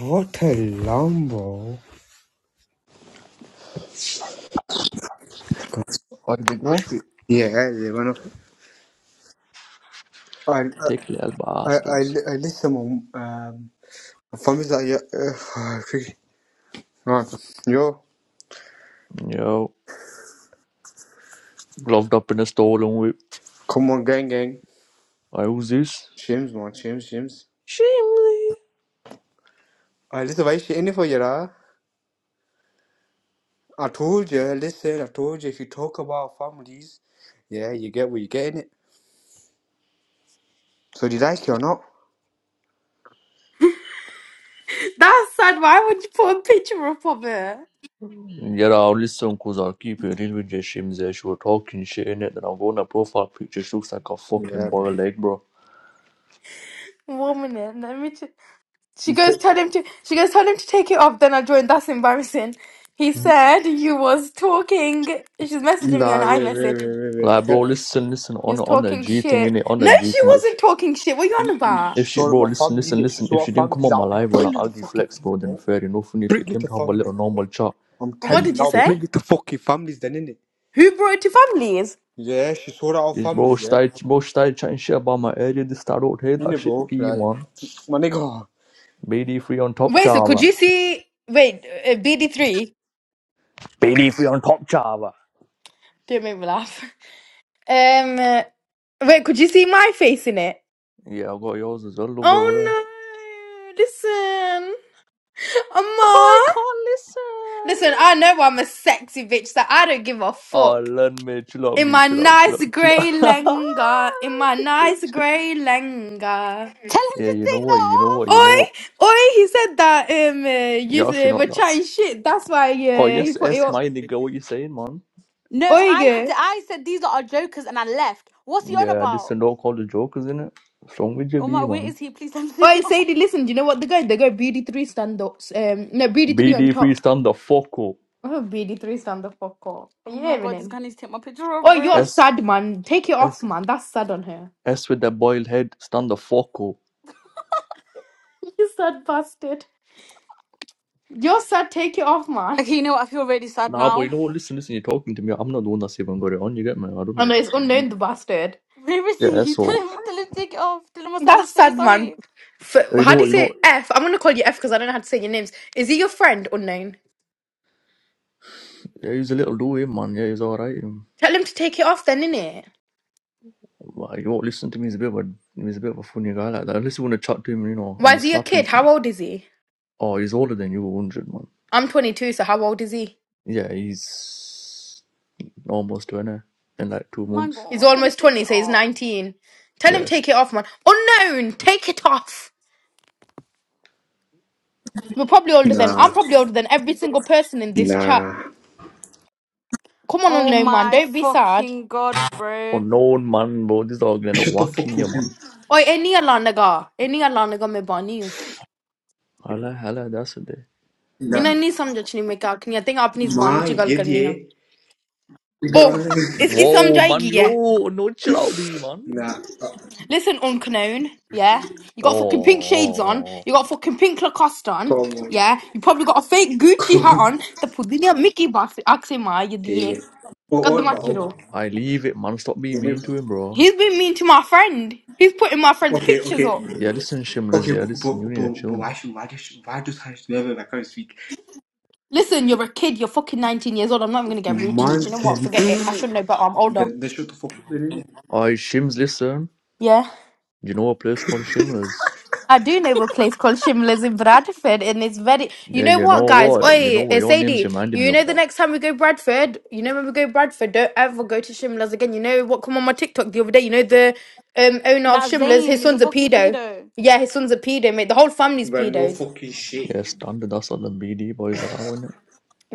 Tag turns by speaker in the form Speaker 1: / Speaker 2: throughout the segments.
Speaker 1: What a Lambo.
Speaker 2: Or the groupie.
Speaker 1: Yeah, hell, one of I
Speaker 2: Thick little
Speaker 1: I I
Speaker 2: bastards.
Speaker 1: I listen um um, famous that yeah uh, right. Yo,
Speaker 2: Yo, gloved up in a stolen whip.
Speaker 1: come on gang gang.
Speaker 2: I use this.
Speaker 1: James man, James James.
Speaker 2: Shimley.
Speaker 1: I listen why she any for you. lah. I told you, listen, I told you if you talk about families, yeah, you get what you get in it. So do you like it or not?
Speaker 3: That's sad. Why would you put a picture up of her?
Speaker 2: Yeah, I'll listen cause I'll keep it in with your shims there. She was talking shit in it. Then I'll go on her profile picture. She looks like a fucking
Speaker 1: Yeah, bro.
Speaker 2: boiled egg, bro.
Speaker 3: One minute, let me. T- she goes, tell him to. She goes, tell him to take it off. Then I joined. That's embarrassing. He said you was talking. She's messaging me on
Speaker 1: Nah, wait, wait,
Speaker 3: iMessage.
Speaker 1: wait, wait, wait.
Speaker 2: Like, bro,
Speaker 1: Tell-
Speaker 2: listen, listen.
Speaker 3: You
Speaker 2: On
Speaker 3: was
Speaker 2: on the
Speaker 3: talking
Speaker 2: G thing,
Speaker 3: shit.
Speaker 2: innit? On the
Speaker 3: No,
Speaker 2: G
Speaker 3: she
Speaker 2: thing. If she,
Speaker 3: wasn't talking shit. What are you on about?
Speaker 2: if she,
Speaker 1: Sorry,
Speaker 2: bro,
Speaker 1: my
Speaker 2: listen,
Speaker 1: family,
Speaker 2: listen,
Speaker 1: this
Speaker 2: listen.
Speaker 1: is
Speaker 2: If she
Speaker 1: what
Speaker 2: didn't come
Speaker 1: families
Speaker 2: on my
Speaker 1: out.
Speaker 2: live on an
Speaker 1: Bully the
Speaker 2: argue
Speaker 1: fucking
Speaker 2: flex,
Speaker 1: family,
Speaker 2: bro, then
Speaker 1: bro.
Speaker 2: fair enough. And if
Speaker 1: Bring
Speaker 2: it
Speaker 1: it
Speaker 2: came
Speaker 1: to
Speaker 2: to have a
Speaker 1: family,
Speaker 2: little
Speaker 1: bro.
Speaker 2: normal chat,
Speaker 1: I'm
Speaker 3: What
Speaker 1: telling
Speaker 2: then
Speaker 1: you,
Speaker 3: did you
Speaker 1: now
Speaker 2: shit.
Speaker 3: say?
Speaker 1: bring it to fucking families then, innit?
Speaker 3: Who brought it to families?
Speaker 1: Yeah, she sold out of families,
Speaker 2: Bro, she
Speaker 1: yeah?
Speaker 2: started, bro, she started chatting shit about my area. This I don't hear that
Speaker 1: Innit,
Speaker 2: shit,
Speaker 1: bro?
Speaker 2: be
Speaker 1: Like,
Speaker 2: man.
Speaker 1: my nigga.
Speaker 2: BD free on top
Speaker 3: Wait, so could
Speaker 2: Java.
Speaker 3: you see? Wait, uh, BD three.
Speaker 2: BD free on top Java.
Speaker 3: Don't make me laugh. Um, uh, wait, could you see my face in it?
Speaker 2: Yeah, I've got yours as well, loved over there.
Speaker 3: Oh no! Listen. Amma.
Speaker 2: I can't
Speaker 3: Listen,
Speaker 2: listen.
Speaker 3: I know I'm a sexy bitch, so I don't give a
Speaker 2: Oh,
Speaker 3: fuck.
Speaker 2: learn me, chill out,
Speaker 3: In
Speaker 2: B,
Speaker 3: my
Speaker 2: chill out, chill
Speaker 3: nice
Speaker 2: out, chill out.
Speaker 3: grey lenga, in my
Speaker 2: Sick
Speaker 3: nice
Speaker 2: bitch.
Speaker 3: grey lenga.
Speaker 4: Tell him
Speaker 2: yeah,
Speaker 4: to
Speaker 2: you know
Speaker 4: take
Speaker 2: what,
Speaker 4: that
Speaker 2: you know
Speaker 4: off.
Speaker 2: what, you know
Speaker 3: Oi,
Speaker 2: what.
Speaker 3: oi, he said that um, uh, you
Speaker 2: You're actually
Speaker 3: uh, were
Speaker 2: not that.
Speaker 3: chatting shit. That's why
Speaker 2: Oh,
Speaker 3: uh, he
Speaker 2: yes,
Speaker 3: put it.
Speaker 2: S,
Speaker 3: up.
Speaker 2: my nigga, what you saying, man?
Speaker 4: No,
Speaker 3: Oi,
Speaker 4: I said
Speaker 3: girl.
Speaker 4: I said these are our jokers and I left. What's he on
Speaker 2: Yeah,
Speaker 4: about?
Speaker 2: listen, don't call the jokers, innit? What's wrong with you,
Speaker 4: Oh
Speaker 2: B,
Speaker 4: my, where
Speaker 2: man?
Speaker 4: is he? Please let me take
Speaker 3: Oi,
Speaker 4: it off.
Speaker 3: Sadie, listen, do you know what they got? They got BD3 stand ups. Um, no, BD3 on
Speaker 2: BD free,
Speaker 3: top.
Speaker 2: stand the fuck up.
Speaker 3: Oh, BD3 stand the fuck up. Are
Speaker 4: Oh
Speaker 3: you
Speaker 4: my
Speaker 3: hearing
Speaker 4: god, this
Speaker 3: him?
Speaker 4: guy needs to take my picture off,
Speaker 3: Oh, you're
Speaker 4: bro.
Speaker 2: S,
Speaker 3: sad, man. Take it off,
Speaker 2: S,
Speaker 3: man. That's sad on her.
Speaker 2: S with that boiled head, stand the fuck up.
Speaker 3: You sad bastard. You're sad. Take it off, man.
Speaker 4: Okay, you know what? I feel really sad
Speaker 2: Nah, but
Speaker 4: now.
Speaker 2: you know what? Listen, listen. You're talking to me. I'm not the one that's even got it on. You get me? I don't
Speaker 3: Oh
Speaker 2: know. I
Speaker 3: no, it's
Speaker 2: just
Speaker 3: unknown the bastard.
Speaker 4: Where is
Speaker 2: yeah.
Speaker 4: he? Tell
Speaker 2: So
Speaker 4: him, tell him to take it off. Tell him I said I'm
Speaker 3: That's
Speaker 4: so
Speaker 3: sad, man.
Speaker 4: sorry.
Speaker 3: F-
Speaker 2: you
Speaker 3: how do
Speaker 2: know,
Speaker 3: you
Speaker 2: you know,
Speaker 3: say F? I'm gonna call you F because I don't know how to say your names. Is he your friend, unknown?
Speaker 2: yeah, he's a little dude, man. Yeah, he's alright. You
Speaker 3: Tell him to take it off then, innit?
Speaker 2: know, listen to me. He's a bit of a he's a bit of a funny guy like that. Unless you want to chat to him, you know, on
Speaker 3: Why
Speaker 2: the
Speaker 3: is he a
Speaker 2: snap and
Speaker 3: kid?
Speaker 2: shit.
Speaker 3: How old is he?
Speaker 2: Oh, he's older than you, hundred man.
Speaker 3: I'm 22, so how old is he?
Speaker 2: Yeah, he's almost twenty in like two
Speaker 4: Oh my
Speaker 2: months.
Speaker 3: He's
Speaker 4: god, tell him
Speaker 3: almost
Speaker 4: to take
Speaker 3: 20,
Speaker 4: it
Speaker 3: so he's
Speaker 4: off.
Speaker 3: 19. Tell him
Speaker 2: Yes,
Speaker 3: take it off, man. Unknown, take it off. We're probably older than
Speaker 1: Nah,
Speaker 3: I'm probably older than every single person in this chat.
Speaker 1: nah.
Speaker 3: Come on,
Speaker 4: Oh
Speaker 3: unknown man,
Speaker 4: my
Speaker 3: don't be sad.
Speaker 4: fucking god, bro.
Speaker 2: unknown man, bro. This dog gonna
Speaker 1: Shut the
Speaker 2: whack
Speaker 1: fuck
Speaker 2: in
Speaker 1: up,
Speaker 2: you,
Speaker 1: you.
Speaker 2: man.
Speaker 3: Oi, any alanaga, any alanaga me bani.
Speaker 2: Hala, hala. That's the day.
Speaker 1: Nah.
Speaker 3: इन्हें नहीं समझ नहीं मैं क्या करनी है Teng अपनी जुबान
Speaker 1: My,
Speaker 3: विच गल
Speaker 1: yeah,
Speaker 3: करनी
Speaker 1: yeah.
Speaker 3: Oh,
Speaker 1: Nigga.
Speaker 3: इसकी समझ
Speaker 2: Whoa, man.
Speaker 3: आएगी है.
Speaker 2: Yo, no chill out, be man.
Speaker 1: Nah. uh,
Speaker 3: Listen, unknown, yeah. You
Speaker 2: Oh,
Speaker 3: got fucking pink
Speaker 2: Oh,
Speaker 3: shades
Speaker 2: oh,
Speaker 3: on.
Speaker 2: oh.
Speaker 3: You got fucking pink Lacoste
Speaker 1: Come
Speaker 3: on,
Speaker 1: on.
Speaker 3: yeah. You probably got a fake Gucci
Speaker 1: Come
Speaker 3: hat
Speaker 1: on.
Speaker 3: on. The pudding Mickey box axima you
Speaker 1: Take
Speaker 3: the
Speaker 1: it. Oh,
Speaker 3: God
Speaker 1: all
Speaker 3: the
Speaker 1: about, all
Speaker 3: machiro.
Speaker 1: about.
Speaker 2: I leave it, man. Stop being mean
Speaker 1: Innit, bro?
Speaker 2: to him, bro.
Speaker 3: He's been mean to my friend. He's putting my friend's
Speaker 1: Okay,
Speaker 3: pictures
Speaker 1: okay.
Speaker 3: up.
Speaker 2: Yeah, listen, Shimlers.
Speaker 1: Okay,
Speaker 2: Yeah,
Speaker 1: but,
Speaker 2: listen. You
Speaker 1: but,
Speaker 2: need
Speaker 1: but,
Speaker 2: to chill,
Speaker 1: but why
Speaker 2: man.
Speaker 1: should, why does, she- why does her level, I can speak.
Speaker 3: Listen, you're a kid. You're fucking 19 years old. I'm not even gonna get rude to you.
Speaker 1: Man,
Speaker 3: Do you know what? Forget it. I should
Speaker 1: then,
Speaker 3: know better. I'm older.
Speaker 1: then shut the fuck up, innit?
Speaker 2: I Shims, listen.
Speaker 3: Yeah.
Speaker 2: You know a place called Shimlers?
Speaker 3: I do know of a place called Shimla's in Bradford, and it's very. You
Speaker 2: Yeah,
Speaker 3: know
Speaker 2: you know
Speaker 3: what, guys?
Speaker 2: what? You know
Speaker 3: Oi,
Speaker 2: what?
Speaker 3: eh,
Speaker 2: Your name's
Speaker 3: Sadie.
Speaker 2: reminding me
Speaker 3: You know
Speaker 2: of
Speaker 3: the
Speaker 2: that.
Speaker 3: next time we go Bradford, you know when we go Bradford, don't ever go to Shimla's again. You know what? Come on my TikTok the other day. You know the um owner of
Speaker 4: That
Speaker 3: Shimla's, his
Speaker 4: Zayn is a
Speaker 3: son's a
Speaker 4: fucking
Speaker 3: pedo.
Speaker 4: pedo.
Speaker 3: Yeah, his son's a pedo, mate. The whole
Speaker 1: we
Speaker 3: family's
Speaker 1: no
Speaker 3: pedos.
Speaker 1: fucking shit.
Speaker 2: Yeah, standard. That's all them BD boys are out, innit?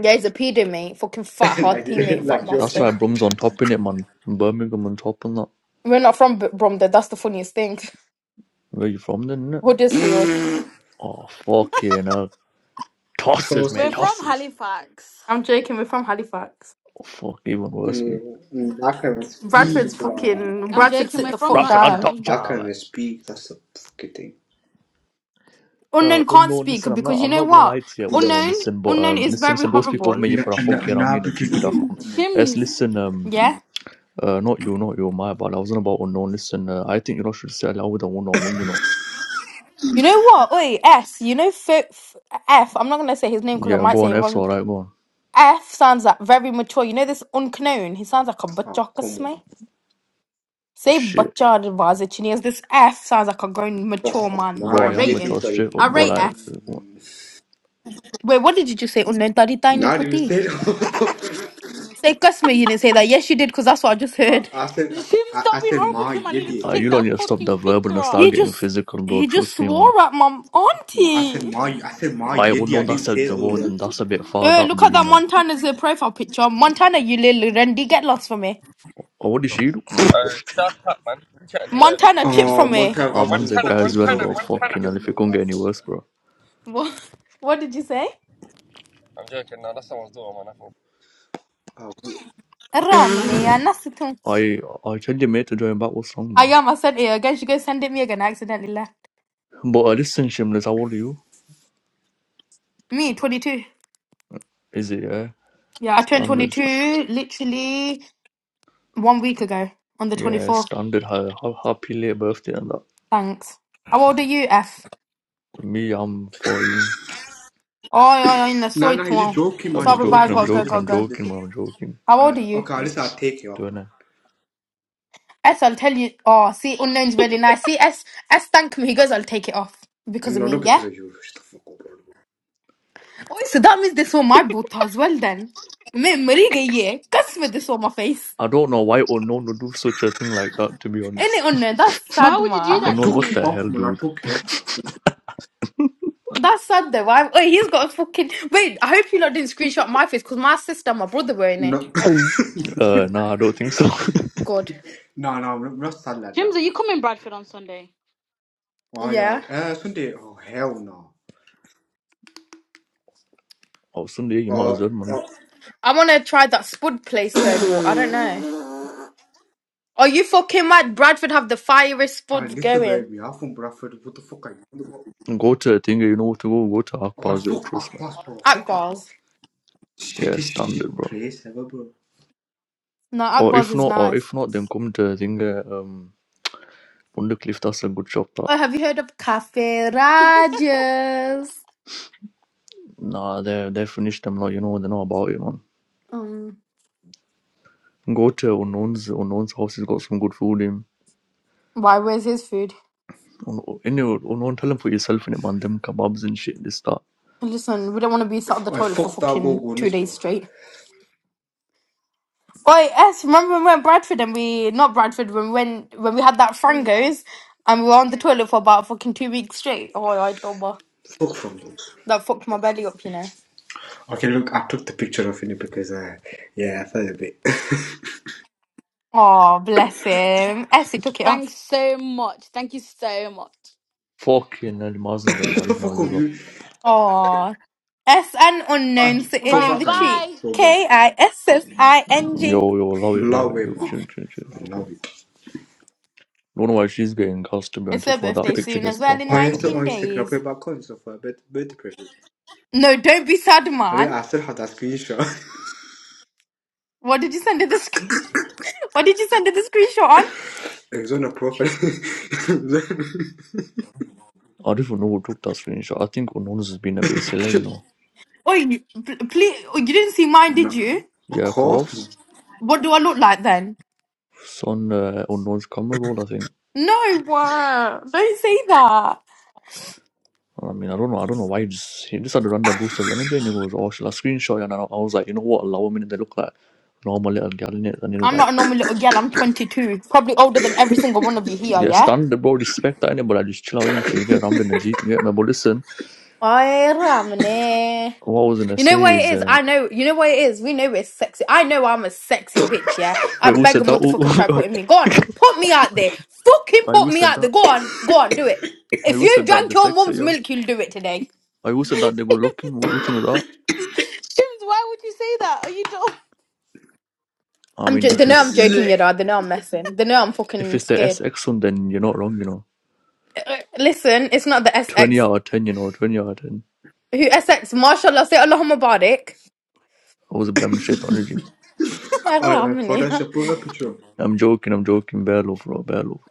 Speaker 3: Yeah, he's a pedo, mate. Fucking fat, hard
Speaker 1: like,
Speaker 3: P, mate. Fat
Speaker 1: like
Speaker 2: That's
Speaker 1: Yorkshire
Speaker 3: bastard.
Speaker 2: why Brum's on top, innit, man? Birmingham on top and that.
Speaker 3: We're not from B- Bromda. That's the funniest thing.
Speaker 2: Where you from then, innit?
Speaker 3: Huddersfield.
Speaker 2: Oh, fucking hell. Tosses,
Speaker 1: Close
Speaker 2: mate.
Speaker 4: We're
Speaker 1: to
Speaker 4: from
Speaker 2: Tosses.
Speaker 4: Halifax.
Speaker 3: I'm joking. We're from Halifax.
Speaker 2: Oh, fuck. Even worse, me.
Speaker 1: mm, mm, I can't even
Speaker 3: Bradford's
Speaker 1: speak. bro.
Speaker 3: fucking.
Speaker 4: I'm
Speaker 3: Bradford,
Speaker 4: joking,
Speaker 3: sit
Speaker 4: we're
Speaker 3: the
Speaker 4: from
Speaker 3: fuck
Speaker 2: Bradford on
Speaker 3: down.
Speaker 2: top,
Speaker 4: Nottingham.
Speaker 1: I can't
Speaker 2: child.
Speaker 1: even speak. That's the fucking thing.
Speaker 2: Uh,
Speaker 3: Unknown can't
Speaker 2: unknown.
Speaker 3: speak
Speaker 2: Listen, I'm not.
Speaker 3: because you
Speaker 2: I'm
Speaker 3: know
Speaker 2: not gonna
Speaker 3: what?
Speaker 2: lie to you.
Speaker 1: Yeah.
Speaker 2: Unknown.
Speaker 3: Unknown,
Speaker 2: Listen, but
Speaker 3: unknown
Speaker 2: um,
Speaker 3: is
Speaker 2: listen,
Speaker 3: very
Speaker 2: listen. Don't speak over
Speaker 3: horrible.
Speaker 2: me
Speaker 1: Nah,
Speaker 2: for a fuck
Speaker 1: nah,
Speaker 2: here. I'm
Speaker 1: nah,
Speaker 2: in a
Speaker 1: because
Speaker 2: GP
Speaker 1: you.
Speaker 2: dafcon. Yes,
Speaker 4: Shims.
Speaker 2: listen. Um,
Speaker 3: Yeah.
Speaker 2: uh, not you, not you, my bad. I wasn't about unknown. Listen, uh, I think you know should sell out with a one on one. You know.
Speaker 3: You know what? Wait, S. You know F. F F- I'm not gonna say his name because I
Speaker 2: Yeah,
Speaker 3: might
Speaker 2: go
Speaker 3: say
Speaker 2: on.
Speaker 3: it
Speaker 2: F's
Speaker 3: wrong.
Speaker 2: alright. Go on.
Speaker 3: F sounds like very mature. You know this unknown. He sounds like a butcher,
Speaker 1: Oh, come on,
Speaker 3: me.
Speaker 1: man.
Speaker 3: Say
Speaker 2: Shit,
Speaker 3: butcher Vazicinias. This F sounds like a grown
Speaker 1: Fuck
Speaker 3: mature
Speaker 1: off.
Speaker 3: man.
Speaker 1: Ma,
Speaker 2: bro.
Speaker 3: I
Speaker 2: I am
Speaker 1: ye
Speaker 3: rate
Speaker 1: di
Speaker 3: him.
Speaker 2: mature straight
Speaker 1: sorry.
Speaker 2: up,
Speaker 3: I
Speaker 2: but
Speaker 3: rate
Speaker 2: like,
Speaker 3: F. Wait, what did you just say? Unknown tadi tiny
Speaker 1: Not even
Speaker 3: puti.
Speaker 1: say that.
Speaker 3: Say customer. You didn't say that. Yes, you did because that's what I just
Speaker 1: I,
Speaker 3: heard.
Speaker 1: I said, I,
Speaker 4: Shim,
Speaker 1: I I
Speaker 4: stop being
Speaker 1: said,
Speaker 4: horrible
Speaker 1: ma,
Speaker 4: to him. I
Speaker 1: ye
Speaker 4: need him to
Speaker 2: uh,
Speaker 1: di.
Speaker 2: you
Speaker 4: take
Speaker 2: don't
Speaker 4: that
Speaker 2: need to stop the
Speaker 4: fucking
Speaker 2: verbal
Speaker 4: picture
Speaker 2: and
Speaker 4: off.
Speaker 3: He
Speaker 2: start getting
Speaker 3: just
Speaker 2: physical, bro.
Speaker 3: he just
Speaker 2: Trust me, man.
Speaker 3: swore at my
Speaker 1: I said,
Speaker 3: auntie.
Speaker 1: ma, I said, ma,
Speaker 2: I
Speaker 1: ye di. I
Speaker 2: unknown.
Speaker 1: didn't
Speaker 2: That's a
Speaker 1: say those
Speaker 2: word.
Speaker 1: words.
Speaker 2: That's a bit far.
Speaker 3: Uh,
Speaker 2: That
Speaker 3: look at
Speaker 2: be
Speaker 3: that
Speaker 2: man.
Speaker 3: Montana's uh, profile picture. Montana, you little Randy, get lost from me.
Speaker 2: Oh, what did she do?
Speaker 5: Uh, shut up, man. What are you trying to do there?
Speaker 3: Montana, chip
Speaker 1: Oh,
Speaker 3: from me.
Speaker 1: Monta,
Speaker 2: Our
Speaker 1: how
Speaker 2: man's
Speaker 1: can
Speaker 2: a
Speaker 5: Montana,
Speaker 2: guy
Speaker 1: fuck
Speaker 2: as well,
Speaker 5: Montana,
Speaker 1: yourself,
Speaker 2: bro.
Speaker 1: respect
Speaker 5: Montana.
Speaker 2: Fucking
Speaker 1: your
Speaker 2: hell, if it couldn't get any worse,
Speaker 1: motherfucker.
Speaker 2: bro.
Speaker 3: What? What did you say?
Speaker 5: I'm joking. No, that's someone's door, man. I thought.
Speaker 1: Oh.
Speaker 3: Ramne, I'm not sitting.
Speaker 2: I I tell you, mate, to join back with song,
Speaker 3: I
Speaker 2: man.
Speaker 3: am. I sent it again. She goes send it me again. I accidentally left.
Speaker 2: But I listen, Shimless, how old are you?
Speaker 3: Me, 22.
Speaker 2: Is it, yeah?
Speaker 3: Yeah, I turned
Speaker 2: Standard, sta-
Speaker 3: 22 literally one week ago on the
Speaker 2: yeah,
Speaker 3: 24th.
Speaker 2: standard. ha- ha- Happy late birthday and that.
Speaker 3: Thanks. How old are you, F?
Speaker 2: Me, I'm 14.
Speaker 3: Oh, yeah, yeah, in the
Speaker 1: Nah,
Speaker 3: soy
Speaker 1: nah, he's are
Speaker 3: tomorrow.
Speaker 1: joking, man. you
Speaker 2: I'm
Speaker 3: Sorry, bye.
Speaker 2: joking,
Speaker 1: joking.
Speaker 2: I'm
Speaker 3: Gotta go,
Speaker 1: Listen,
Speaker 2: joking,
Speaker 3: gotta
Speaker 1: listen,
Speaker 2: I'm
Speaker 3: go.
Speaker 1: listen,
Speaker 2: joking,
Speaker 1: listen.
Speaker 2: man, I'm joking.
Speaker 3: How old are
Speaker 1: Uh,
Speaker 3: you?
Speaker 1: okay, listen, I'll take you
Speaker 2: Do
Speaker 1: off,
Speaker 2: Doing
Speaker 1: man.
Speaker 2: it.
Speaker 3: S, I'll tell you. Oh, see, unknown's really nice. See, S, S, thank me. He goes, I'll take it off because of
Speaker 1: No,
Speaker 3: me.
Speaker 1: not
Speaker 3: Yeah.
Speaker 1: because of you. Shut the fuck up.
Speaker 3: Oh, so that means they saw my boot as well then. Me, Marie, yeah. Cuss with this on my face.
Speaker 2: I don't know why Unknown would do such a thing like that, to be honest.
Speaker 3: Innit, unknown. That's
Speaker 4: Why
Speaker 3: sad,
Speaker 4: would you do
Speaker 1: I,
Speaker 3: man.
Speaker 1: I
Speaker 4: that to
Speaker 2: Unknown,
Speaker 1: took
Speaker 2: what
Speaker 1: it
Speaker 2: the
Speaker 4: me?
Speaker 1: off,
Speaker 2: hell,
Speaker 1: man. I
Speaker 2: dude?
Speaker 1: took it off. So-
Speaker 3: That's sad though. I, oh, he's got a fucking. Wait, I hope you lot didn't screenshot my face because my sister and my brother were in
Speaker 1: No,
Speaker 3: it.
Speaker 2: Uh, nah, I don't think so.
Speaker 3: God.
Speaker 1: no, no, I'm not sad like
Speaker 4: Shims,
Speaker 1: that.
Speaker 4: are you coming Bradford on Sunday?
Speaker 1: Aye, aye.
Speaker 3: Yeah.
Speaker 1: Uh, Sunday, oh, hell no.
Speaker 2: oh, Sunday, you might
Speaker 1: Uh,
Speaker 2: as well, man.
Speaker 1: uh,
Speaker 3: I want to try that spud place though, but I don't know. Are you fucking mad? Bradford have the fiery
Speaker 1: I
Speaker 3: spuds
Speaker 1: listen,
Speaker 3: going.
Speaker 1: baby. I'm from Bradford. What the fuck are you?
Speaker 2: Go to a thing, you know what to go, go to
Speaker 1: Oh,
Speaker 2: Akpazio,
Speaker 1: fuck
Speaker 2: trust me.
Speaker 1: Akbas, bro. Fuck
Speaker 3: Akbar's.
Speaker 1: Akbas.
Speaker 2: Yeah,
Speaker 1: Shitty
Speaker 2: standard,
Speaker 1: shit
Speaker 2: bro.
Speaker 1: place ever, bro.
Speaker 3: No,
Speaker 2: Or
Speaker 3: Akbar's
Speaker 2: if
Speaker 3: is
Speaker 2: not, or
Speaker 3: nice.
Speaker 2: if not, then come to Zinga, um, Undercliff does a good job. That
Speaker 3: Oh, have you heard of Cafe Rajas?
Speaker 2: nah, they they finished them. Like you know, they know about it, man.
Speaker 3: Um,
Speaker 2: Go to Unknown's Unknown's house. He's got some good food in.
Speaker 3: why? Where's his food?
Speaker 2: Un- Anyway, Unknown, tell him for yourself in it, man. Them kebabs and shit. This that.
Speaker 3: Listen, we don't want to be sat on the
Speaker 1: I
Speaker 3: toilet for
Speaker 1: fucked that go
Speaker 3: fucking two
Speaker 1: goodness,
Speaker 3: days
Speaker 1: bro.
Speaker 3: straight. Oh yes, remember when we went to Bradford and we not Bradford when we went, when we had that
Speaker 4: Yeah.
Speaker 3: frangos and we were on the toilet for about fucking two weeks straight. Oh, I double
Speaker 1: Fuck from those.
Speaker 3: That fucked my belly up, you know.
Speaker 1: Okay, look, I took the picture of it because, uh, yeah, I felt a bit.
Speaker 3: Oh, bless him. Essie took it off.
Speaker 4: Thanks so much. Thank you so much.
Speaker 2: Fucking hell, Mazen get
Speaker 1: the
Speaker 2: married now.
Speaker 1: fuck
Speaker 2: You
Speaker 1: of
Speaker 2: lot.
Speaker 1: you?
Speaker 3: Oh, S and
Speaker 1: I
Speaker 3: unknown sitting
Speaker 1: throw
Speaker 3: in
Speaker 4: Right,
Speaker 3: the
Speaker 1: back again.
Speaker 3: tree.
Speaker 4: bye.
Speaker 1: Throw back.
Speaker 3: K I S
Speaker 1: Throw
Speaker 3: S
Speaker 1: back.
Speaker 3: I N G.
Speaker 2: Yo, yo, love it, love
Speaker 1: Love
Speaker 2: it.
Speaker 1: it,
Speaker 2: Yo,
Speaker 1: man.
Speaker 2: chill, chill, chill, chill, chill.
Speaker 1: Love it.
Speaker 2: Don't know why she's getting gassed to be
Speaker 3: It's
Speaker 2: honest.
Speaker 3: her
Speaker 2: Before that
Speaker 3: birthday
Speaker 2: picture
Speaker 3: soon as
Speaker 2: gets
Speaker 3: well
Speaker 2: back
Speaker 3: in
Speaker 1: آره یه
Speaker 2: back on
Speaker 3: 19
Speaker 2: there.
Speaker 1: سو Instagram pe
Speaker 3: days.
Speaker 1: back on so far bet bet perfect.
Speaker 3: No, don't be sad,
Speaker 1: Ale
Speaker 3: man.
Speaker 1: asıl hat askı şa.
Speaker 3: What did you send her the screen? What did you send her the screenshot on?
Speaker 1: Exona profil.
Speaker 2: I don't even know who took that screenshot. I think Unknown's has been a bit silly, you know.
Speaker 3: Oh, you, please, oh, you didn't see mine,
Speaker 1: Ma.
Speaker 3: did you?
Speaker 1: O kos mu?
Speaker 2: Jacobs.
Speaker 3: What do I look like then?
Speaker 2: It's on uh, Unknown's camera roll, I think.
Speaker 3: No, wow. Don't say that.
Speaker 2: I mean, I don't know. I don't know why he just, he just had a random boost of energy and he goes, oh, shall I screenshot? And I, I was like, you know what? Allow a minute. They look like normal little gal in it. And he was
Speaker 3: I'm not
Speaker 2: like,
Speaker 3: a normal little girl. I'm 22. Probably older than every single one of you here,
Speaker 2: yeah,
Speaker 3: yeah?
Speaker 2: stand the bro, respect that innit, but I just chill out innit, before you get rammed in the Jeep. You get me? But listen,
Speaker 3: Oi, Ramne.
Speaker 2: what I was going to
Speaker 3: You know
Speaker 2: say
Speaker 3: what it
Speaker 2: is,
Speaker 3: is?
Speaker 2: uh,
Speaker 3: I know. You know what it is? We know we're sexy. I know I'm a sexy bitch, yeah? I
Speaker 2: wait, who
Speaker 3: beg a
Speaker 2: said that? Who,
Speaker 3: motherfucker try putting me. Go on, put me out there. Fucking
Speaker 2: I
Speaker 3: put
Speaker 2: who
Speaker 3: me
Speaker 2: said
Speaker 3: out there.
Speaker 2: that?
Speaker 3: Go on, go on, do it.
Speaker 2: I
Speaker 3: If
Speaker 2: who
Speaker 3: you
Speaker 2: said that?
Speaker 3: drank
Speaker 2: The
Speaker 3: your
Speaker 2: sex, eh,
Speaker 3: mum's
Speaker 2: yo?
Speaker 3: milk, you'll do it today.
Speaker 2: I who said that? They were looking. Wh- Which one was that?
Speaker 4: Shims, why would you say that? Are you dumb?
Speaker 2: I
Speaker 3: I'm
Speaker 2: mean,
Speaker 3: j- they
Speaker 2: if
Speaker 3: know I'm
Speaker 2: it's
Speaker 3: joking, you know. They know I'm messing. They know I'm
Speaker 2: if
Speaker 3: fucking
Speaker 2: it's the
Speaker 3: scared.
Speaker 2: SX one, then you're not wrong, you know.
Speaker 3: Uh, uh, Listen, it's not the
Speaker 2: 20
Speaker 3: SX.
Speaker 2: out of 10, you know, 20 out of 10.
Speaker 3: Who SX? Mashallah, say Allahumma Mubarak.
Speaker 2: أعوذ بالله من الشيطان الرجيم
Speaker 3: Yeah, well,
Speaker 1: Ay
Speaker 3: I'm in
Speaker 1: fotoğraf
Speaker 3: here.
Speaker 1: şapı hep ço.
Speaker 2: I'm joking I'm joking bear لوف bro bear بيع لوف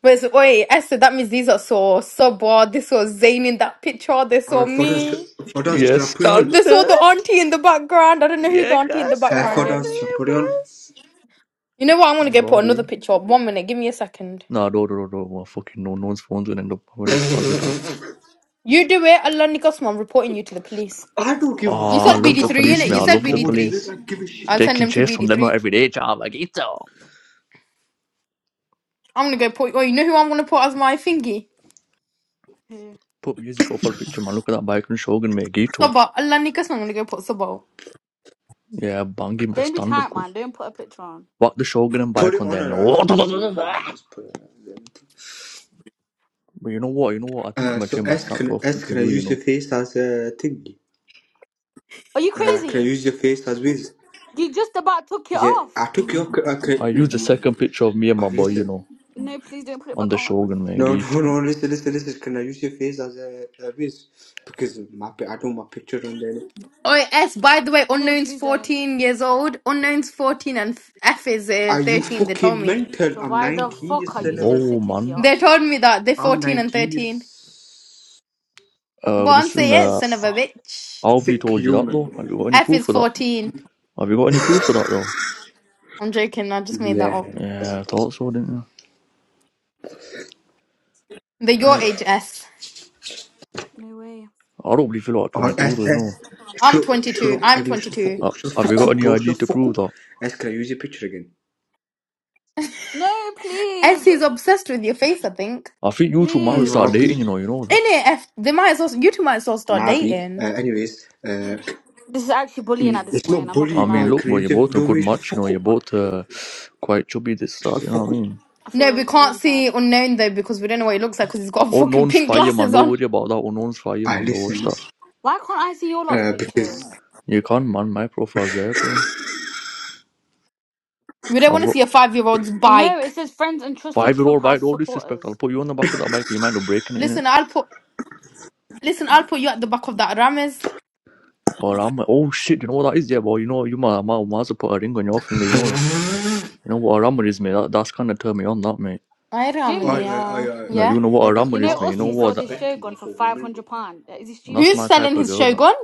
Speaker 3: But it's, wait, Esther, that means these are so subwa. They saw Zayn in that picture. They saw
Speaker 1: Ay fotoğraf
Speaker 3: me.
Speaker 1: fotoğraf şapı yon.
Speaker 3: They saw
Speaker 2: يستنك
Speaker 3: the auntie in the background. I don't know who the
Speaker 2: يا
Speaker 3: auntie in the
Speaker 1: Ha
Speaker 2: كسر
Speaker 3: background
Speaker 1: fotoğraf
Speaker 3: is.
Speaker 1: şapı on.
Speaker 2: بس
Speaker 3: You know what? I'm gonna go put another
Speaker 2: Gombi
Speaker 3: picture up. One minute, give me a second.
Speaker 2: Nah, no, no, no, no, no, fucking no, no one's phones will end up having this buzzed up.
Speaker 3: You do it, Alani Gosman. I'm reporting you to the police.
Speaker 1: I don't give a
Speaker 3: You
Speaker 2: Oh, I
Speaker 3: said
Speaker 1: fuck
Speaker 2: love
Speaker 3: BD3,
Speaker 2: the
Speaker 1: about
Speaker 2: police,
Speaker 3: innit?
Speaker 2: man.
Speaker 3: You
Speaker 2: I
Speaker 1: police,
Speaker 3: said
Speaker 2: love
Speaker 1: bro.
Speaker 2: the
Speaker 1: You
Speaker 3: BD3.
Speaker 2: police.
Speaker 1: don't like, give a shit
Speaker 3: I'll
Speaker 1: about
Speaker 3: send
Speaker 2: Taking
Speaker 3: them to
Speaker 1: police.
Speaker 2: chase from them not
Speaker 3: BD3.
Speaker 2: every day, child. Like, Gito.
Speaker 3: I'm gonna go put. Oh, you know who I'm gonna put as my thingy?
Speaker 4: Yeah.
Speaker 2: Put music profile picture, man. Look at that bike and Shogun, mate. Gito.
Speaker 3: Subo. Alani Gosman. I'm gonna go put Subo.
Speaker 2: Yeah, Bangi most
Speaker 4: Don't be
Speaker 2: standard,
Speaker 4: tight,
Speaker 2: cuz.
Speaker 4: man. Don't put a picture on.
Speaker 2: What the Shogun and
Speaker 1: Put
Speaker 2: bike
Speaker 1: it
Speaker 2: on
Speaker 1: on
Speaker 2: there,
Speaker 1: her.
Speaker 2: man.
Speaker 1: uh, Save it. Just put it on. Then.
Speaker 2: But you know what? You know what? I think
Speaker 1: Uh,
Speaker 2: I'm gonna
Speaker 1: so
Speaker 2: change my
Speaker 1: S
Speaker 2: snap
Speaker 1: can S
Speaker 2: profile to
Speaker 1: can I
Speaker 2: you, you
Speaker 1: use
Speaker 2: know.
Speaker 1: your face as a thingy?
Speaker 4: Are you
Speaker 1: Uh, can I
Speaker 4: crazy?
Speaker 1: use your face as wheels?
Speaker 4: You just about took it
Speaker 1: Yeah, I
Speaker 4: off.
Speaker 1: took your. I,
Speaker 2: I used the second picture of me and
Speaker 1: Oh,
Speaker 2: my boy, you
Speaker 1: listen.
Speaker 2: know,
Speaker 4: No, please don't put it
Speaker 2: on
Speaker 4: back
Speaker 2: the
Speaker 4: on.
Speaker 2: Shogun man.
Speaker 1: No,
Speaker 2: He
Speaker 1: no,
Speaker 2: told,
Speaker 1: no. Listen, listen, listen. Can I use your face as a, a base? Because my pi- I don't want my picture on there.
Speaker 3: Oh, S, by the way,
Speaker 4: No,
Speaker 3: Unknown's
Speaker 4: please don't.
Speaker 3: 14 years old. Unknown's 14 and F is uh,
Speaker 1: Are you
Speaker 3: 13, they told
Speaker 1: fucking
Speaker 3: me.
Speaker 1: mental?
Speaker 4: So
Speaker 1: I'm
Speaker 4: why the
Speaker 1: 19, you
Speaker 4: fuck are you
Speaker 1: son of
Speaker 4: still
Speaker 1: a.
Speaker 2: whoa,
Speaker 4: sitting
Speaker 2: man.
Speaker 4: here?
Speaker 3: They told me that they're
Speaker 1: I'm
Speaker 3: 14 and
Speaker 1: 19, you
Speaker 3: 13.
Speaker 2: Uh,
Speaker 3: Go on,
Speaker 2: listen,
Speaker 3: say it,
Speaker 2: uh,
Speaker 3: son of a bitch.
Speaker 2: Alfie
Speaker 1: sick
Speaker 2: told you that though.
Speaker 1: human.
Speaker 2: Have you got any
Speaker 3: F
Speaker 2: proof
Speaker 3: is
Speaker 2: for that?
Speaker 3: 14.
Speaker 2: Have you got any proof for that though?
Speaker 3: I'm joking. I just made that
Speaker 1: Yeah.
Speaker 3: up.
Speaker 1: That's
Speaker 2: Yeah, I thought
Speaker 1: impossible.
Speaker 2: so, didn't you?
Speaker 3: They're your
Speaker 2: Oh,
Speaker 3: age, S.
Speaker 4: No way.
Speaker 2: I don't believe you're like
Speaker 1: I Oh,
Speaker 2: 22 though,
Speaker 1: S,
Speaker 2: you know.
Speaker 1: S.
Speaker 3: I'm
Speaker 1: Shut up, shut
Speaker 3: 22.
Speaker 1: up.
Speaker 3: I'm
Speaker 1: Everyone shut the fuck
Speaker 3: 22.
Speaker 1: up.
Speaker 2: Uh,
Speaker 1: Shut the
Speaker 2: have you
Speaker 1: fuck
Speaker 2: got
Speaker 1: up,
Speaker 2: any
Speaker 1: bro. Shut
Speaker 2: ID
Speaker 1: the
Speaker 2: to
Speaker 1: fuck up.
Speaker 2: prove that?
Speaker 1: S, can I use your picture again?
Speaker 4: No, please.
Speaker 3: S is obsessed with your face, I think.
Speaker 2: I think you two might
Speaker 4: Please.
Speaker 1: Nah,
Speaker 2: start dating,
Speaker 1: B.
Speaker 2: you know, you know
Speaker 3: In
Speaker 2: that.
Speaker 3: it, F, they might as well, you two might as well start
Speaker 1: Nah, B. Uh,
Speaker 3: dating.
Speaker 1: anyways, uh,
Speaker 4: This is actually bullying
Speaker 1: mm,
Speaker 4: at this
Speaker 1: it's
Speaker 4: point.
Speaker 1: not
Speaker 4: I'm not
Speaker 2: I
Speaker 4: gonna
Speaker 1: bullying.
Speaker 2: mean,
Speaker 1: Oh,
Speaker 4: lie.
Speaker 2: look,
Speaker 1: can I
Speaker 2: but
Speaker 1: use
Speaker 2: you're
Speaker 1: your.
Speaker 2: both a
Speaker 1: No,
Speaker 2: good
Speaker 1: wait, shut the
Speaker 2: match, you know,
Speaker 1: fuck
Speaker 2: you're
Speaker 1: up, man.
Speaker 2: both uh, quite chubby, this,
Speaker 1: Shut
Speaker 2: that,
Speaker 1: the
Speaker 2: you know what
Speaker 1: fuck
Speaker 2: I
Speaker 1: up.
Speaker 2: mean?
Speaker 4: I
Speaker 3: No, we
Speaker 4: feel
Speaker 3: can't
Speaker 4: really
Speaker 3: see
Speaker 4: sad.
Speaker 3: unknown though because we don't know what he looks like because he's got
Speaker 2: Oh, no
Speaker 3: fucking
Speaker 2: one's
Speaker 3: pink
Speaker 2: fire, man.
Speaker 3: glasses
Speaker 2: Don't
Speaker 3: on.
Speaker 2: worry about that. Oh, no one's fire,
Speaker 1: I
Speaker 2: man. Don't watch
Speaker 1: listen,
Speaker 2: that.
Speaker 1: listen.
Speaker 4: Why can't I see your lot's
Speaker 1: Uh, because
Speaker 4: pictures?
Speaker 2: You can't, man. My profile's there, bro.
Speaker 3: We don't want
Speaker 2: I've
Speaker 3: to
Speaker 2: got
Speaker 3: see a five year old's
Speaker 4: No, it
Speaker 3: bike.
Speaker 4: says friends and trusted
Speaker 2: Five year old bike,
Speaker 4: clubhouse
Speaker 2: no disrespect. I'll
Speaker 4: supporters.
Speaker 2: put you on the back of that bike with your mind of breaking it in
Speaker 3: Listen,
Speaker 2: it.
Speaker 3: I'll put, listen, I'll put you at the back of that Rames.
Speaker 2: Or I'm like, oh shit, you know what that is, yeah, boy. You know, you might, might, might as well put a ring on your finger, you know that. You know what a rammer is, mate. That, that's kind of turned me on, that, mate.
Speaker 3: I
Speaker 1: I, I,
Speaker 3: Ramani,
Speaker 4: Jims,
Speaker 1: I,
Speaker 3: yeah.
Speaker 1: I, I
Speaker 2: That
Speaker 3: Yeah.
Speaker 2: you
Speaker 1: I
Speaker 2: know what a
Speaker 1: thought as
Speaker 4: you
Speaker 2: rammer
Speaker 1: have
Speaker 2: is,
Speaker 4: know
Speaker 2: mate. You know
Speaker 4: Ussy
Speaker 1: some
Speaker 2: what?
Speaker 4: sold
Speaker 2: That,
Speaker 4: his
Speaker 1: respect, man,
Speaker 4: Shogun for
Speaker 1: for
Speaker 4: five
Speaker 1: women, bro.
Speaker 4: hundred pound. Is he
Speaker 2: that's
Speaker 3: Who's
Speaker 4: stupid?
Speaker 2: my type
Speaker 3: selling
Speaker 2: of
Speaker 3: his
Speaker 2: girl, that.
Speaker 3: Shogun?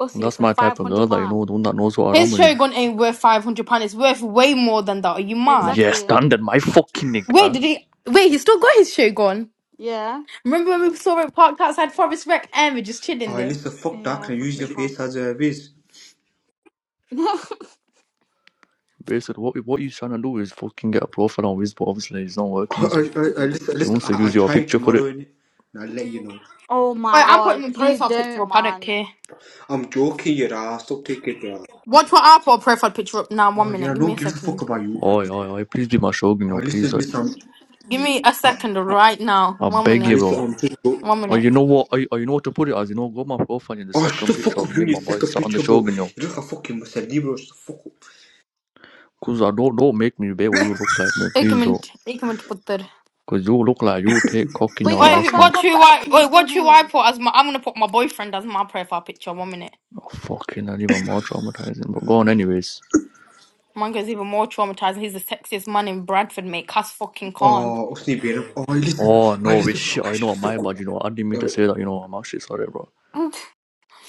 Speaker 4: Ussy
Speaker 2: That's
Speaker 4: for
Speaker 2: my
Speaker 4: five
Speaker 2: type of
Speaker 4: hundred
Speaker 2: girl, that, you
Speaker 4: pound.
Speaker 2: know, the one that knows what a
Speaker 3: His
Speaker 2: rammer is.
Speaker 3: Shogun ain't worth £500. It's worth way more than that. Are you mad?
Speaker 2: Yeah,
Speaker 4: Exactly.
Speaker 2: standard, my fucking
Speaker 3: Wait,
Speaker 2: nigga.
Speaker 3: did he? Wait, he still got his shirt gone.
Speaker 4: Yeah.
Speaker 3: Remember when we saw him parked outside Forest Rec and we're just chilling
Speaker 1: I
Speaker 3: there?
Speaker 1: listen, fuck that,
Speaker 4: Yeah.
Speaker 1: and use
Speaker 4: Fucking
Speaker 1: your
Speaker 4: Trump.
Speaker 1: face as a ways.
Speaker 2: Basically, what what he's trying to do is fucking get a profile on Wiz, but obviously it's not
Speaker 1: I,
Speaker 2: working, is
Speaker 1: I,
Speaker 2: it?
Speaker 1: I listen,
Speaker 2: So he
Speaker 1: listen,
Speaker 2: wants to
Speaker 1: I, I'll
Speaker 2: use your
Speaker 1: try it
Speaker 2: picture for it.
Speaker 1: tomorrow, innit? and I'll let you know.
Speaker 4: oh my
Speaker 3: Wait, I'm putting
Speaker 4: god.
Speaker 3: my
Speaker 4: Please
Speaker 3: profile picture
Speaker 4: don't,
Speaker 3: up. I don't
Speaker 4: man.
Speaker 3: care.
Speaker 1: I'm joking, your ass. Stop taking it, bro.
Speaker 3: Watch what I put a profile picture up now.
Speaker 1: Oh
Speaker 3: One
Speaker 1: yeah,
Speaker 3: minute. Give
Speaker 1: no
Speaker 3: me
Speaker 1: one
Speaker 3: a
Speaker 1: gives a fuck
Speaker 3: second.
Speaker 1: about you.
Speaker 2: Oi, oi, oi, please be my shogun, you
Speaker 1: I
Speaker 2: know, please.
Speaker 1: listen,
Speaker 2: Oi.
Speaker 1: listen, I'm,
Speaker 3: Give me a
Speaker 1: I,
Speaker 3: second right now.
Speaker 2: I
Speaker 3: One
Speaker 2: beg
Speaker 1: I
Speaker 3: minute.
Speaker 2: you, bro.
Speaker 1: listen, I'm just, bro.
Speaker 3: One
Speaker 2: Or
Speaker 3: minute.
Speaker 2: you know what? Or you, or you know what to put it as? You know, go my profile in the
Speaker 1: Oh, shut
Speaker 2: second
Speaker 1: the
Speaker 2: picture
Speaker 1: fuck up,
Speaker 2: of
Speaker 1: you
Speaker 2: me
Speaker 1: and
Speaker 2: and
Speaker 1: your
Speaker 2: my boy
Speaker 1: second
Speaker 2: sat on the
Speaker 1: picture, bro. You
Speaker 2: shogun, yo.
Speaker 1: look like fucking Mussolini, bro. Shut the fuck up.
Speaker 2: Cause I don't don't make me be what you look like, man.
Speaker 3: Take a
Speaker 2: Please don't.
Speaker 3: minute. Take a minute to put that.
Speaker 2: Cause you look like you take cock in
Speaker 4: Wait,
Speaker 2: your
Speaker 4: if I
Speaker 3: Wait,
Speaker 2: ass,
Speaker 3: who-
Speaker 2: man.
Speaker 4: swipe
Speaker 3: what
Speaker 4: off
Speaker 3: should
Speaker 4: the app,
Speaker 3: I?
Speaker 4: can you
Speaker 3: Wait,
Speaker 4: still
Speaker 3: what
Speaker 4: hear
Speaker 3: should I
Speaker 4: me?
Speaker 3: put as my? I'm gonna put my boyfriend as my profile picture. One minute.
Speaker 2: Oh fucking, that even more traumatizing. But go on, anyways.
Speaker 3: Mango's even more traumatizing. He's the sexiest man in Bradford, mate. Cuss fucking con.
Speaker 1: Oh, what's the name, bro? Oh, I listen,
Speaker 2: Oh
Speaker 1: oh, I
Speaker 2: no, we
Speaker 1: listen,
Speaker 2: shit.
Speaker 1: I
Speaker 2: I
Speaker 1: shut
Speaker 2: know
Speaker 1: the fuck
Speaker 2: my
Speaker 1: up.
Speaker 2: bad. You know, I didn't mean
Speaker 1: Uh,
Speaker 2: to say that. You know, I'm actually sorry, bro.
Speaker 3: I'm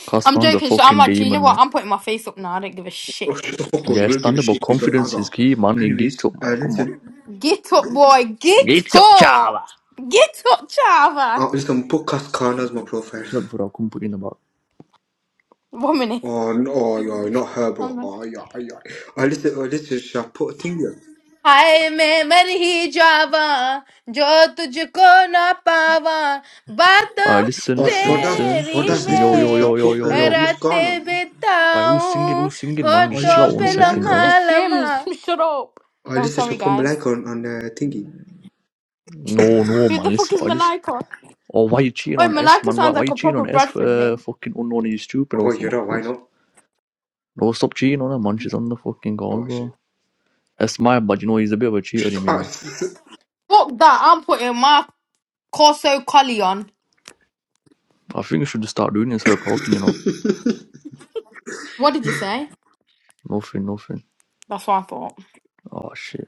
Speaker 2: Cause Khan's a
Speaker 3: joking. So I'm
Speaker 2: fucking
Speaker 3: actually. You know
Speaker 2: demon,
Speaker 3: what?
Speaker 2: man.
Speaker 3: I'm putting my face up now. I don't give a shit.
Speaker 1: Fuck you
Speaker 2: Yeah,
Speaker 1: will give
Speaker 2: stand
Speaker 1: a
Speaker 2: up, but
Speaker 1: shit if you don't
Speaker 2: confidence
Speaker 1: answer.
Speaker 2: is key, man. You get
Speaker 1: Anyways,
Speaker 2: to, man.
Speaker 1: uh,
Speaker 2: Come on.
Speaker 1: listen,
Speaker 3: Get up, boy. Get up. Get up, Java.
Speaker 1: uh, listen, put Cascana as my profile.
Speaker 2: Shut up before I come put in the back.
Speaker 3: One minute.
Speaker 1: Oh, no, oh, yeah, not her,
Speaker 3: One
Speaker 1: bro.
Speaker 3: minute.
Speaker 1: Oh, yeah, yeah. Uh, listen, uh, listen, shall I put a thing here?
Speaker 3: हाय मैं मर ही जावा जो तुझको ना पावा
Speaker 2: Uh,
Speaker 3: बातों
Speaker 2: listen,
Speaker 1: Oh,
Speaker 2: listen,
Speaker 1: for that,
Speaker 2: listen,
Speaker 1: for
Speaker 3: तेरी
Speaker 1: that,
Speaker 2: listen. Yo,
Speaker 1: listen,
Speaker 2: yo,
Speaker 1: shall I
Speaker 3: में
Speaker 2: yo, yo,
Speaker 1: put
Speaker 2: yo,
Speaker 1: uh,
Speaker 2: yo.
Speaker 1: Muskan
Speaker 3: रातें
Speaker 1: on?
Speaker 2: Why, who's singing?
Speaker 3: बिताऊं
Speaker 2: Who's singing, man?
Speaker 1: Oh,
Speaker 2: Just
Speaker 1: listen,
Speaker 2: chill
Speaker 3: होठों
Speaker 2: out
Speaker 1: shall I
Speaker 2: one
Speaker 3: पे
Speaker 1: put
Speaker 2: second,
Speaker 1: Malaika
Speaker 2: yo.
Speaker 1: on?
Speaker 4: It's
Speaker 3: लम्हा लम्हा
Speaker 4: Shims. Shut up.
Speaker 1: Oh,
Speaker 3: I'm
Speaker 1: listen,
Speaker 3: sorry
Speaker 1: shall I put
Speaker 3: guys.
Speaker 1: Malaika on, on uh, thingy?
Speaker 2: No, no,
Speaker 3: Who
Speaker 2: man.
Speaker 3: the fuck
Speaker 2: Listen,
Speaker 3: is
Speaker 2: I listen.
Speaker 3: Malika?
Speaker 2: Or why you cheating
Speaker 3: Oh,
Speaker 2: on S,
Speaker 3: Malika
Speaker 2: man? Why,
Speaker 3: sounds
Speaker 2: why
Speaker 3: like
Speaker 2: you
Speaker 3: a
Speaker 2: cheating
Speaker 3: proper
Speaker 2: on S for
Speaker 3: Bradford
Speaker 2: uh,
Speaker 3: name.
Speaker 2: fucking unknown? He's stupid or
Speaker 1: Oh, you
Speaker 2: something,
Speaker 1: know, why
Speaker 2: cause.
Speaker 1: not?
Speaker 2: No, stop cheating on her, man. She's on the fucking call,
Speaker 1: Oh, shit.
Speaker 2: bro. That's my bad, you know. He's a bit of a cheater,
Speaker 1: Shut
Speaker 2: you
Speaker 1: up.
Speaker 2: know.
Speaker 3: Fuck that. I'm putting my Corso Collie on.
Speaker 2: I think you should just start doing it instead of talking, you know.
Speaker 3: What did you say?
Speaker 2: Nothing, nothing.
Speaker 3: That's what I thought.
Speaker 2: Oh, shit.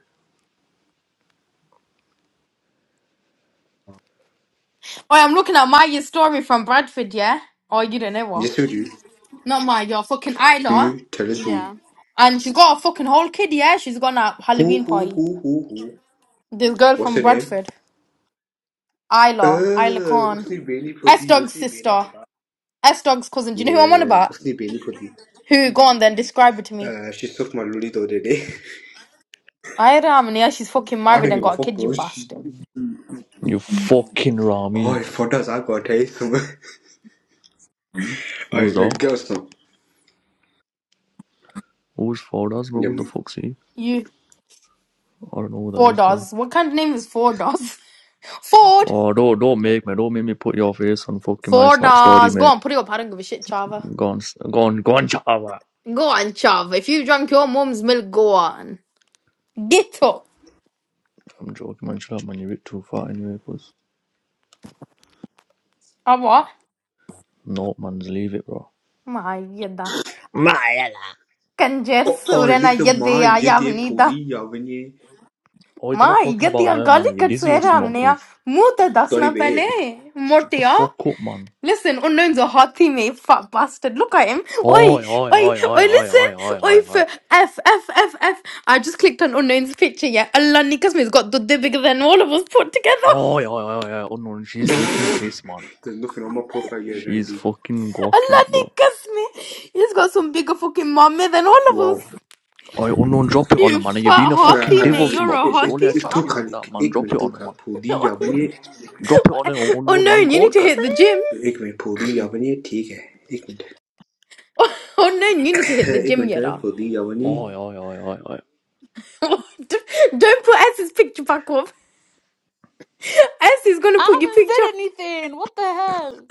Speaker 3: Oh, I'm looking at Maya's story from Bradford, yeah? Oh, you don't know what?
Speaker 1: yes, who do you?
Speaker 3: Not Maya, your fucking
Speaker 1: Who
Speaker 3: Isla.
Speaker 1: you? Tell us who you.
Speaker 4: Yeah.
Speaker 3: And she's got a fucking whole kid, yeah? She's gone at
Speaker 1: Who,
Speaker 3: Halloween
Speaker 1: who,
Speaker 3: party.
Speaker 1: who, who, who?
Speaker 3: This girl
Speaker 1: What's her
Speaker 3: from
Speaker 1: name?
Speaker 3: Bradford, Isla, Isla
Speaker 1: Uh,
Speaker 3: Khan.
Speaker 1: उसने Beni for
Speaker 3: S
Speaker 1: the
Speaker 3: Dog's
Speaker 1: उसने बेना
Speaker 3: sister, S Dog's cousin. Do you know who I'm on about?
Speaker 1: sleepy Nikki.
Speaker 3: Who? Go on then, describe her to me.
Speaker 1: Uh, she sucked my lolly the other day.
Speaker 3: I don't know. yeah, she's fucking
Speaker 1: I
Speaker 3: married
Speaker 1: don't
Speaker 3: and
Speaker 1: give a
Speaker 3: got a
Speaker 1: fuck,
Speaker 3: kid, you
Speaker 1: bro. She...
Speaker 3: bastard.
Speaker 2: You fucking
Speaker 1: Oh,
Speaker 2: Rami.
Speaker 1: for us, I gotta I
Speaker 2: Who's that?
Speaker 1: guess some.
Speaker 2: Who's for us, bro?
Speaker 1: Yeah.
Speaker 2: Who the fuck's he?
Speaker 3: You,
Speaker 2: I don't know who that
Speaker 3: four
Speaker 2: is, bro.
Speaker 3: does. What kind of name is four does? Ford!
Speaker 2: Oh, don't, don't make me, don't make me put your face on fucking my
Speaker 3: Four
Speaker 2: snap story,
Speaker 3: does. Go
Speaker 2: mate.
Speaker 3: on, put it up. I don't give a shit, Chava.
Speaker 2: Gone, gone, gone, go Java.
Speaker 3: Go on, Chava. If you drank your mum's milk, go on. Ghetto.
Speaker 2: I'm joking, man. Shut up, man. You're a bit too far anyway, cuz.
Speaker 3: Awa.
Speaker 2: No, man, just leave it, bro.
Speaker 3: My yada. कंजर
Speaker 1: Oh, oh,
Speaker 3: सूरन
Speaker 1: listen, my,
Speaker 3: यदया
Speaker 1: you did
Speaker 3: यावनीदा
Speaker 1: police, yeah, when you.
Speaker 2: Oi, they're not
Speaker 3: माँ
Speaker 2: talking about
Speaker 3: यदया
Speaker 2: her, man.
Speaker 3: गाली
Speaker 2: Are you
Speaker 3: cut
Speaker 2: dizzy
Speaker 3: से
Speaker 2: or
Speaker 3: रहा
Speaker 2: something,
Speaker 3: हमने यार
Speaker 2: cuz?
Speaker 3: मुंह तो
Speaker 1: Sorry,
Speaker 3: दसना पहले
Speaker 1: babe.
Speaker 2: The
Speaker 3: मोटिया
Speaker 2: fuck up, man.
Speaker 3: Listen, unknown's a hathi me, fat bastard. Look at him. Oi,
Speaker 2: Oi, oi,
Speaker 3: oi,
Speaker 2: oi,
Speaker 3: oi,
Speaker 2: oi, oi,
Speaker 3: listen.
Speaker 2: oi, oi,
Speaker 3: Oi,
Speaker 2: oi,
Speaker 3: f,
Speaker 2: oi.
Speaker 3: f, f, f, F. I just clicked on unknown's picture, yeah. Allah nikas me, he's got the bigger than all of us put together.
Speaker 2: Oi, oi, oi, oi. Unknown, she's taking piss, man.
Speaker 1: There's nothing on my profile yet,
Speaker 2: She's
Speaker 1: Randy.
Speaker 2: fucking walking
Speaker 3: Allah
Speaker 2: it, bro.
Speaker 3: nikas me. He's got some bigger fucking mommy than all of
Speaker 1: Wow.
Speaker 3: us.
Speaker 2: Oi, unknown, drop it on her,
Speaker 3: You
Speaker 2: man. Are you
Speaker 3: fat
Speaker 2: being a
Speaker 1: Alright,
Speaker 2: fucking
Speaker 3: hathi
Speaker 1: alright.
Speaker 2: devil,
Speaker 3: me,
Speaker 2: some
Speaker 3: you're a
Speaker 1: It,
Speaker 2: cuz?
Speaker 1: it,
Speaker 2: Don't let
Speaker 3: hathi,
Speaker 2: her
Speaker 1: it
Speaker 2: chat
Speaker 3: fam.
Speaker 2: to you
Speaker 1: took a
Speaker 2: like that, man.
Speaker 1: एक
Speaker 2: Drop it
Speaker 1: minute तो
Speaker 2: on her,
Speaker 1: का
Speaker 2: man.
Speaker 1: फूदी यावनी
Speaker 2: Drop it on her,
Speaker 3: Or
Speaker 2: unknown, man.
Speaker 3: known, you need
Speaker 2: God,
Speaker 3: to
Speaker 2: cuz.
Speaker 3: hit the gym.
Speaker 1: एक minute फूदी यावनी ठीक है एक minute
Speaker 3: Or known, you need to hit the
Speaker 1: एक
Speaker 3: gym,
Speaker 1: मिनट है
Speaker 3: Yera.
Speaker 1: फूदी यावनी
Speaker 2: Oi, oi, oi, oi, oi.
Speaker 3: Don't put S's picture back up. S is gonna
Speaker 4: I
Speaker 3: put your
Speaker 4: haven't
Speaker 3: picture.
Speaker 4: said anything. What the hell?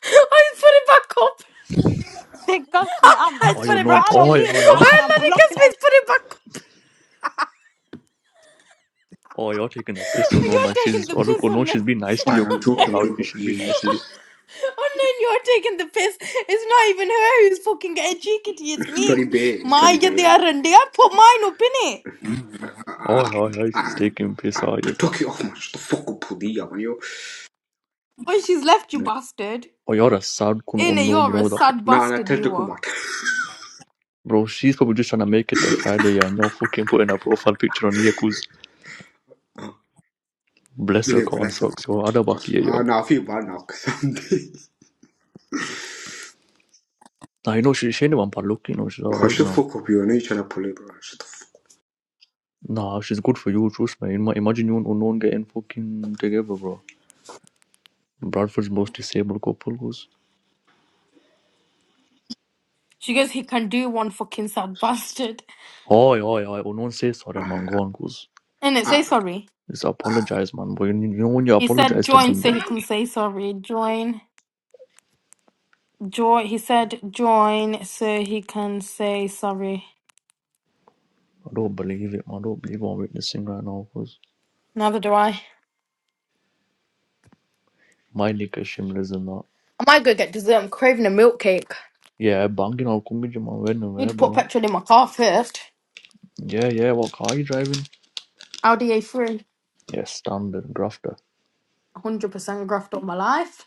Speaker 3: I just put it back up.
Speaker 4: They ghost me. I'm
Speaker 3: I just
Speaker 2: Oi,
Speaker 3: put it
Speaker 4: bro.
Speaker 2: unknown.
Speaker 3: back
Speaker 4: I'm
Speaker 3: up.
Speaker 2: Oi,
Speaker 4: deleting
Speaker 2: oi,
Speaker 4: this
Speaker 2: oi.
Speaker 3: I'm
Speaker 4: app and
Speaker 3: Oh,
Speaker 4: I'm
Speaker 3: Lenny
Speaker 4: blocking
Speaker 3: Kismis, put it back up.
Speaker 2: Oh, you're taking a piss. So no, man.
Speaker 3: You're taking
Speaker 2: She's
Speaker 3: the
Speaker 2: oh look, oh
Speaker 3: piss
Speaker 2: no,
Speaker 3: on
Speaker 2: she's
Speaker 3: it.
Speaker 2: been nice to
Speaker 1: I
Speaker 2: you,
Speaker 1: am
Speaker 2: cuz gone
Speaker 1: joking
Speaker 2: loud. She's been nice to
Speaker 1: joking
Speaker 2: you.
Speaker 3: Oh, oh, no, you're taking the piss. It's not even her who's fucking getting cheeky. It's
Speaker 1: sorry
Speaker 3: me.
Speaker 1: बे sorry
Speaker 3: My, get the
Speaker 1: बे
Speaker 3: R&D. I put mine up in it.
Speaker 2: Oh yeah, yeah, she's taking piss. Oh yeah, cuz.
Speaker 1: Tokyo ama şu da foku pudi yamanıyor.
Speaker 3: Oh, she's left you, bastard.
Speaker 2: Oh, you're a sad kun. Oh
Speaker 3: Inna,
Speaker 2: no, you
Speaker 3: you're
Speaker 2: know
Speaker 3: a
Speaker 2: that,
Speaker 3: sad
Speaker 1: Na na
Speaker 3: bastard,
Speaker 1: telde
Speaker 3: you are.
Speaker 1: kumat.
Speaker 2: bro. She's probably just trying to make it to Friday. Yeah, and you're fucking putting her profile picture on here, cuz. Bless her
Speaker 1: Ile bana
Speaker 2: con
Speaker 1: sabah.
Speaker 2: socks. Yo, other back
Speaker 1: Kasım.
Speaker 2: here, yo.
Speaker 1: Aa na fi var na kasım.
Speaker 2: Nah, you know she she ain't even but look, you know she's alright,
Speaker 1: Hoşta
Speaker 2: you know.
Speaker 1: foku piyo ne içene poli bro. Şu
Speaker 2: Nah, she's good for you, trust me. Imagine you and unknown getting fucking together, bro. Bradford's most disabled couple, cuz.
Speaker 3: She goes, he can do one fucking sad bastard.
Speaker 2: Oh yeah, yeah. Unknown says sorry, man.
Speaker 1: da.
Speaker 2: Go on, cuz.
Speaker 3: And it say sorry.
Speaker 2: Just apologize, man. When you, you know when you
Speaker 3: He said
Speaker 2: apologize to
Speaker 3: join so
Speaker 2: Bande,
Speaker 3: he can say sorry. Join, join. He said join so he can say sorry.
Speaker 2: I don't believe it, man. I don't believe what I'm witnessing right now because
Speaker 3: Neither do I.
Speaker 2: my nigga Shimla's in that.
Speaker 3: I might go get dessert. I'm craving a milk cake.
Speaker 2: Yeah, banging out Kumbiji, man. Where and
Speaker 3: Need
Speaker 2: where,
Speaker 3: to put
Speaker 2: bro?
Speaker 3: petrol in my car first.
Speaker 2: Yeah, yeah. What car are you driving?
Speaker 3: Audi A3.
Speaker 2: Yeah, standard grafter.
Speaker 3: 100% graft all my life.